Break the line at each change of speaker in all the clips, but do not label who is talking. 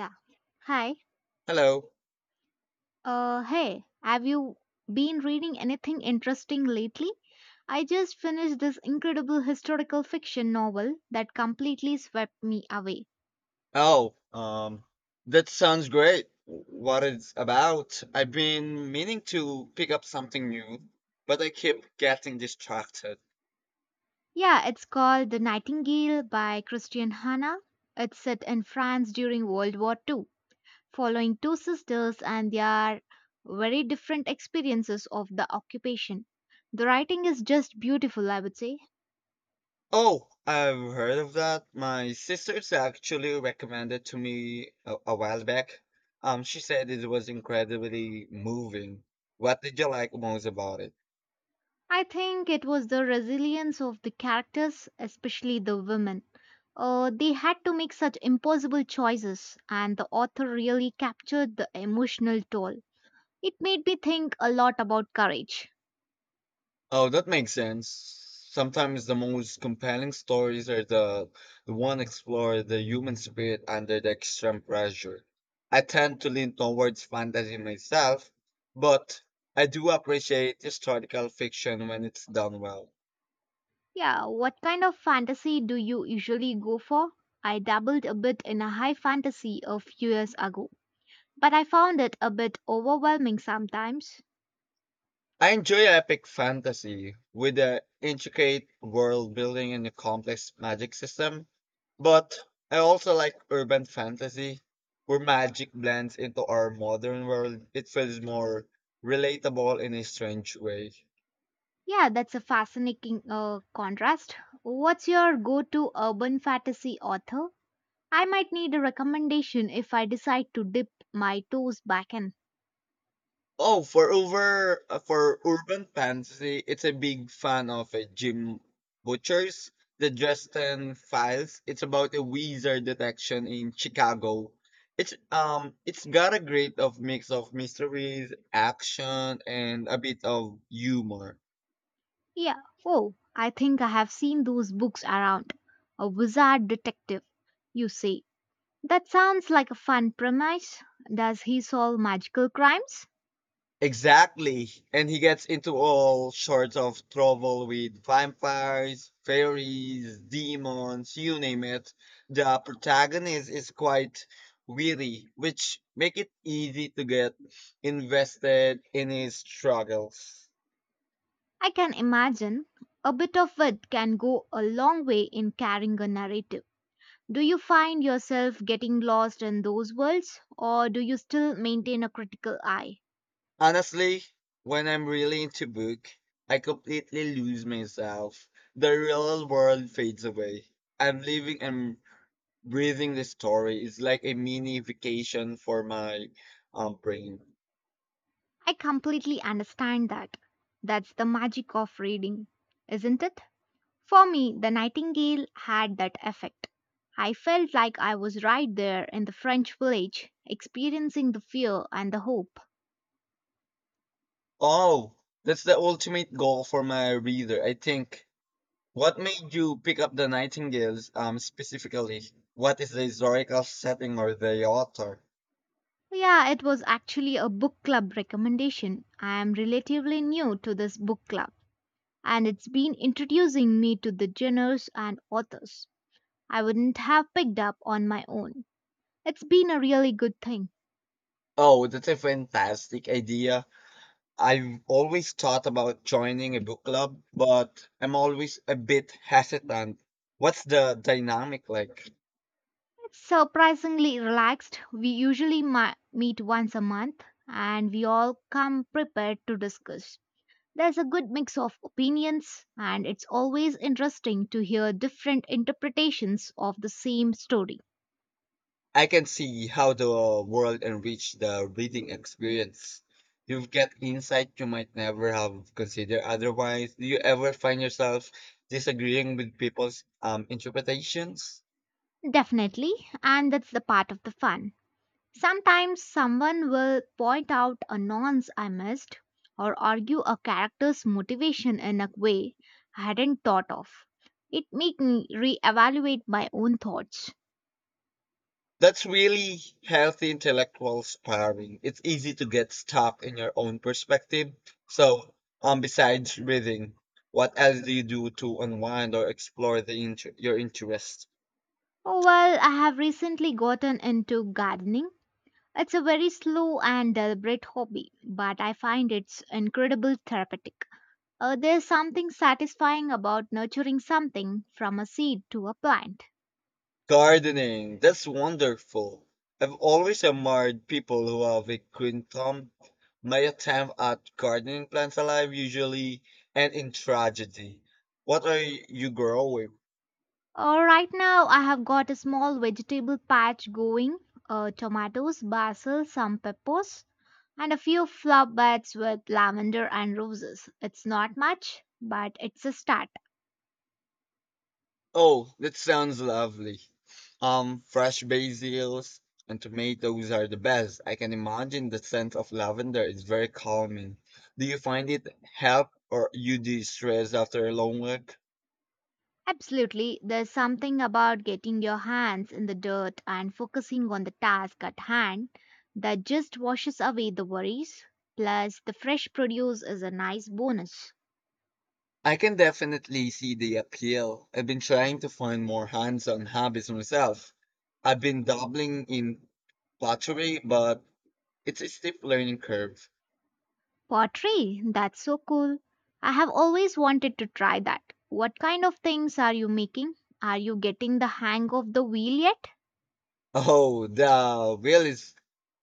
Yeah. Hi.
Hello.
Uh, hey, have you been reading anything interesting lately? I just finished this incredible historical fiction novel that completely swept me away.
Oh, um, that sounds great. What it's about? I've been meaning to pick up something new, but I keep getting distracted.
Yeah, it's called The Nightingale by Christian Hannah. It's set in France during World War II, following two sisters and their very different experiences of the occupation. The writing is just beautiful, I would say.
Oh, I've heard of that. My sister's actually recommended to me a while back. She said it was incredibly moving. What did you like most about it?
I think it was the resilience of the characters, especially the women. They had to make such impossible choices, and the author really captured the emotional toll. It made me think a lot about courage.
Oh, that makes sense. Sometimes the most compelling stories are the one explore the human spirit under the extreme pressure. I tend to lean towards fantasy myself, but I do appreciate historical fiction when it's done well.
Yeah, what kind of fantasy do you usually go for? I dabbled a bit in a high fantasy a few years ago, but I found it a bit overwhelming sometimes.
I enjoy epic fantasy with the intricate world building and a complex magic system, but I also like urban fantasy where magic blends into our modern world. It feels more relatable in a strange way.
Yeah, that's a fascinating contrast. What's your go to urban fantasy author? I might need a recommendation if I decide to dip my toes back in.
For urban fantasy, it's a big fan of Jim Butcher's The Dresden Files. It's about a wizard detection in Chicago. It's got a great of mix of mysteries, action, and a bit of humor.
Yeah, oh, I think I have seen those books around. A wizard detective, you say. That sounds like a fun premise. Does he solve magical crimes?
Exactly. And he gets into all sorts of trouble with vampires, fairies, demons, you name it. The protagonist is quite weary, which make it easy to get invested in his struggles.
I can imagine. A bit of wit can go a long way in carrying a narrative. Do you find yourself getting lost in those worlds, or do you still maintain a critical eye?
Honestly, when I'm really into book, I completely lose myself. The real world fades away. I'm living in breathing the story is like a mini vacation for my brain.
I completely understand that. That's the magic of reading, isn't it? For me, the nightingale had that effect. I felt like I was right there in the French village, experiencing the fear and the hope.
Oh, that's the ultimate goal for my reader, I think. What made you pick up the Nightingales specifically? What is the historical setting or the author?
Yeah, it was actually a book club recommendation. I am relatively new to this book club, and it's been introducing me to the genres and authors I wouldn't have picked up on my own. It's been a really good thing.
Oh, that's a fantastic idea. I've always thought about joining a book club, but I'm always a bit hesitant. What's the dynamic like?
Surprisingly relaxed. We usually meet once a month and we all come prepared to discuss. There's a good mix of opinions, and it's always interesting to hear different interpretations of the same story.
I can see how the world enrich the reading experience. You get insight you might never have considered otherwise. Do you ever find yourself disagreeing with people's interpretations?
Definitely, and that's the part of the fun. Sometimes someone will point out a nonce I missed or argue a character's motivation in a way I hadn't thought of. It made me reevaluate my own thoughts.
That's really healthy intellectual sparring. It's easy to get stuck in your own perspective. So, besides reading, what else do you do to unwind or explore your interest?
Oh, well, I have recently gotten into gardening. It's a very slow and deliberate hobby, but I find it's incredible therapeutic. There's something satisfying about nurturing something from a seed to a plant.
Gardening, that's wonderful. I've always admired people who have a green thumb. My attempt at gardening plants alive usually end in tragedy. What are you growing?
Right now, I have got a small vegetable patch going tomatoes, basil, some peppers, and a few flower beds with lavender and roses. It's not much, but it's a start.
Oh, that sounds lovely. Fresh basils and tomatoes are the best. I can imagine the scent of lavender is very calming. Do you find it help or you de-stress after a long work?
Absolutely, there's something about getting your hands in the dirt and focusing on the task at hand that just washes away the worries. Plus, the fresh produce is a nice bonus.
I can definitely see the appeal. I've been trying to find more hands-on hobbies myself. I've been dabbling in pottery, but it's a steep learning curve.
Pottery, that's so cool. I have always wanted to try that. What kind of things are you making? Are you getting the hang of the wheel yet?
Oh, the wheel is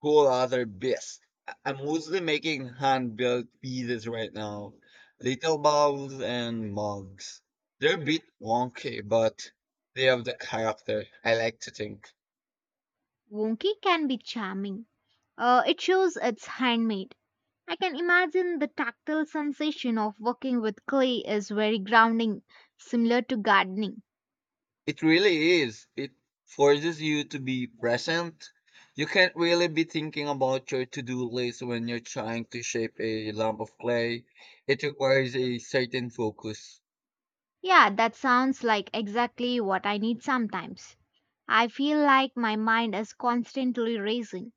whole other beast. I'm mostly making hand-built pieces right now, little bowls and mugs. They're a bit wonky, but they have the character I like to think.
Wonky can be charming. It shows it's handmade. I can imagine the tactile sensation of working with clay is very grounding, similar to gardening.
It really is. It forces you to be present. You can't really be thinking about your to-do list when you're trying to shape a lump of clay. It requires a certain focus.
Yeah, that sounds like exactly what I need sometimes. I feel like my mind is constantly racing.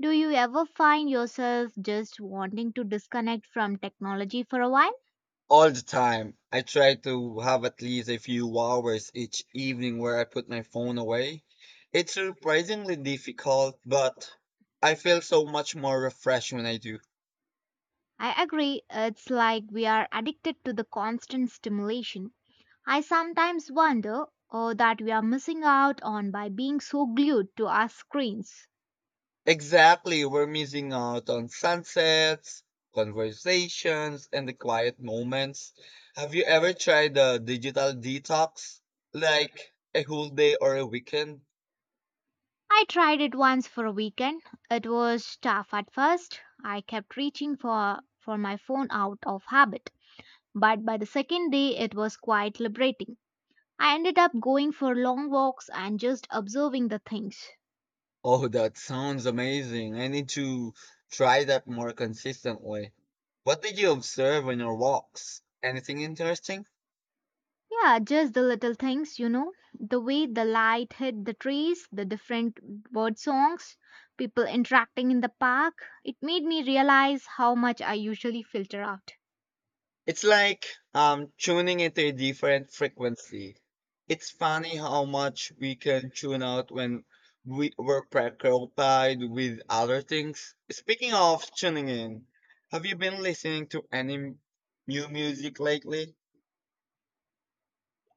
Do you ever find yourself just wanting to disconnect from technology for a while?
All the time, I try to have at least a few hours each evening where I put my phone away. It's surprisingly difficult, but I feel so much more refreshed when I do.
I agree, it's like we are addicted to the constant stimulation. I sometimes wonder oh, that we are missing out on by being so glued to our screens.
Exactly. We're missing out on sunsets, conversations, and the quiet moments. Have you ever tried a digital detox? Like a whole day or a weekend?
I tried it once for a weekend. It was tough at first. I kept reaching for my phone out of habit, but by the second day it was quite liberating. I ended up going for long walks and just observing the things.
Oh, that sounds amazing. I need to try that more consistently. What did you observe on your walks? Anything interesting?
Yeah, just the little things, you know. The way the light hit the trees, the different bird songs, people interacting in the park. It made me realize how much I usually filter out.
It's like tuning into a different frequency. It's funny how much we can tune out when we were preoccupied with other things. Speaking of tuning in, have you been listening to any new music lately?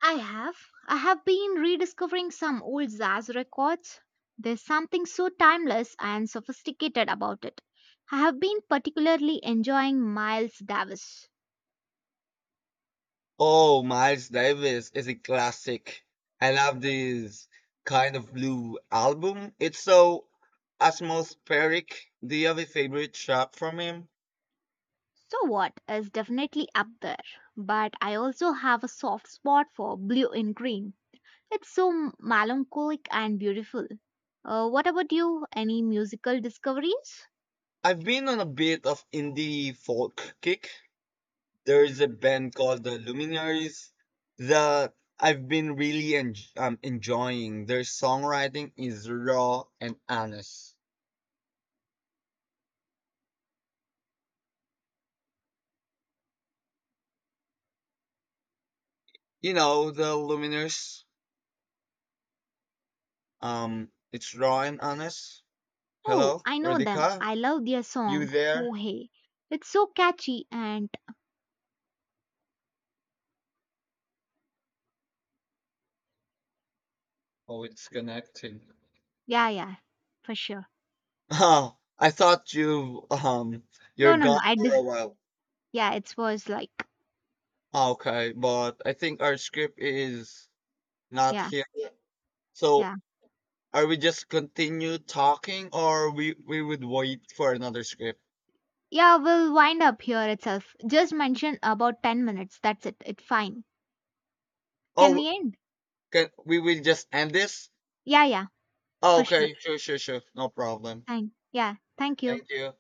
I have. I have been rediscovering some old jazz records. There's something so timeless and sophisticated about it. I have been particularly enjoying Miles Davis.
Oh, Miles Davis is a classic. I love this kind of blue album. It's so atmospheric. Do you have a favorite track from him?
So what is definitely up there, but I also have a soft spot for blue and green. It's so melancholic and beautiful. What about you? Any musical discoveries?
I've been on a bit of indie folk kick. There is a band called the Luminaries that I've been really enjoying. Their songwriting is raw and honest. You know the Luminaries. It's raw and honest.
Oh,
Hello,
I know them.
Radhika,
I love their song,
you there?
Ho Hey. It's so catchy and
Oh, it's connecting.
yeah, yeah, for sure.
Oh, I thought
No,
you're
no, no.
gone for a while.
Yeah, it was like
Okay, but I think our script is not
yeah,
here yet.
yeah.
So are we just continue talking or we would wait for another script?
Yeah, we'll wind up here itself. Just mention about 10 minutes. That's it. It's fine. Can
Oh,
we end?
can we will just end this?
Yeah, yeah,
Oh,
for sure.
okay, sure, sure, sure. No problem.
Fine. Yeah, thank you.
Thank you.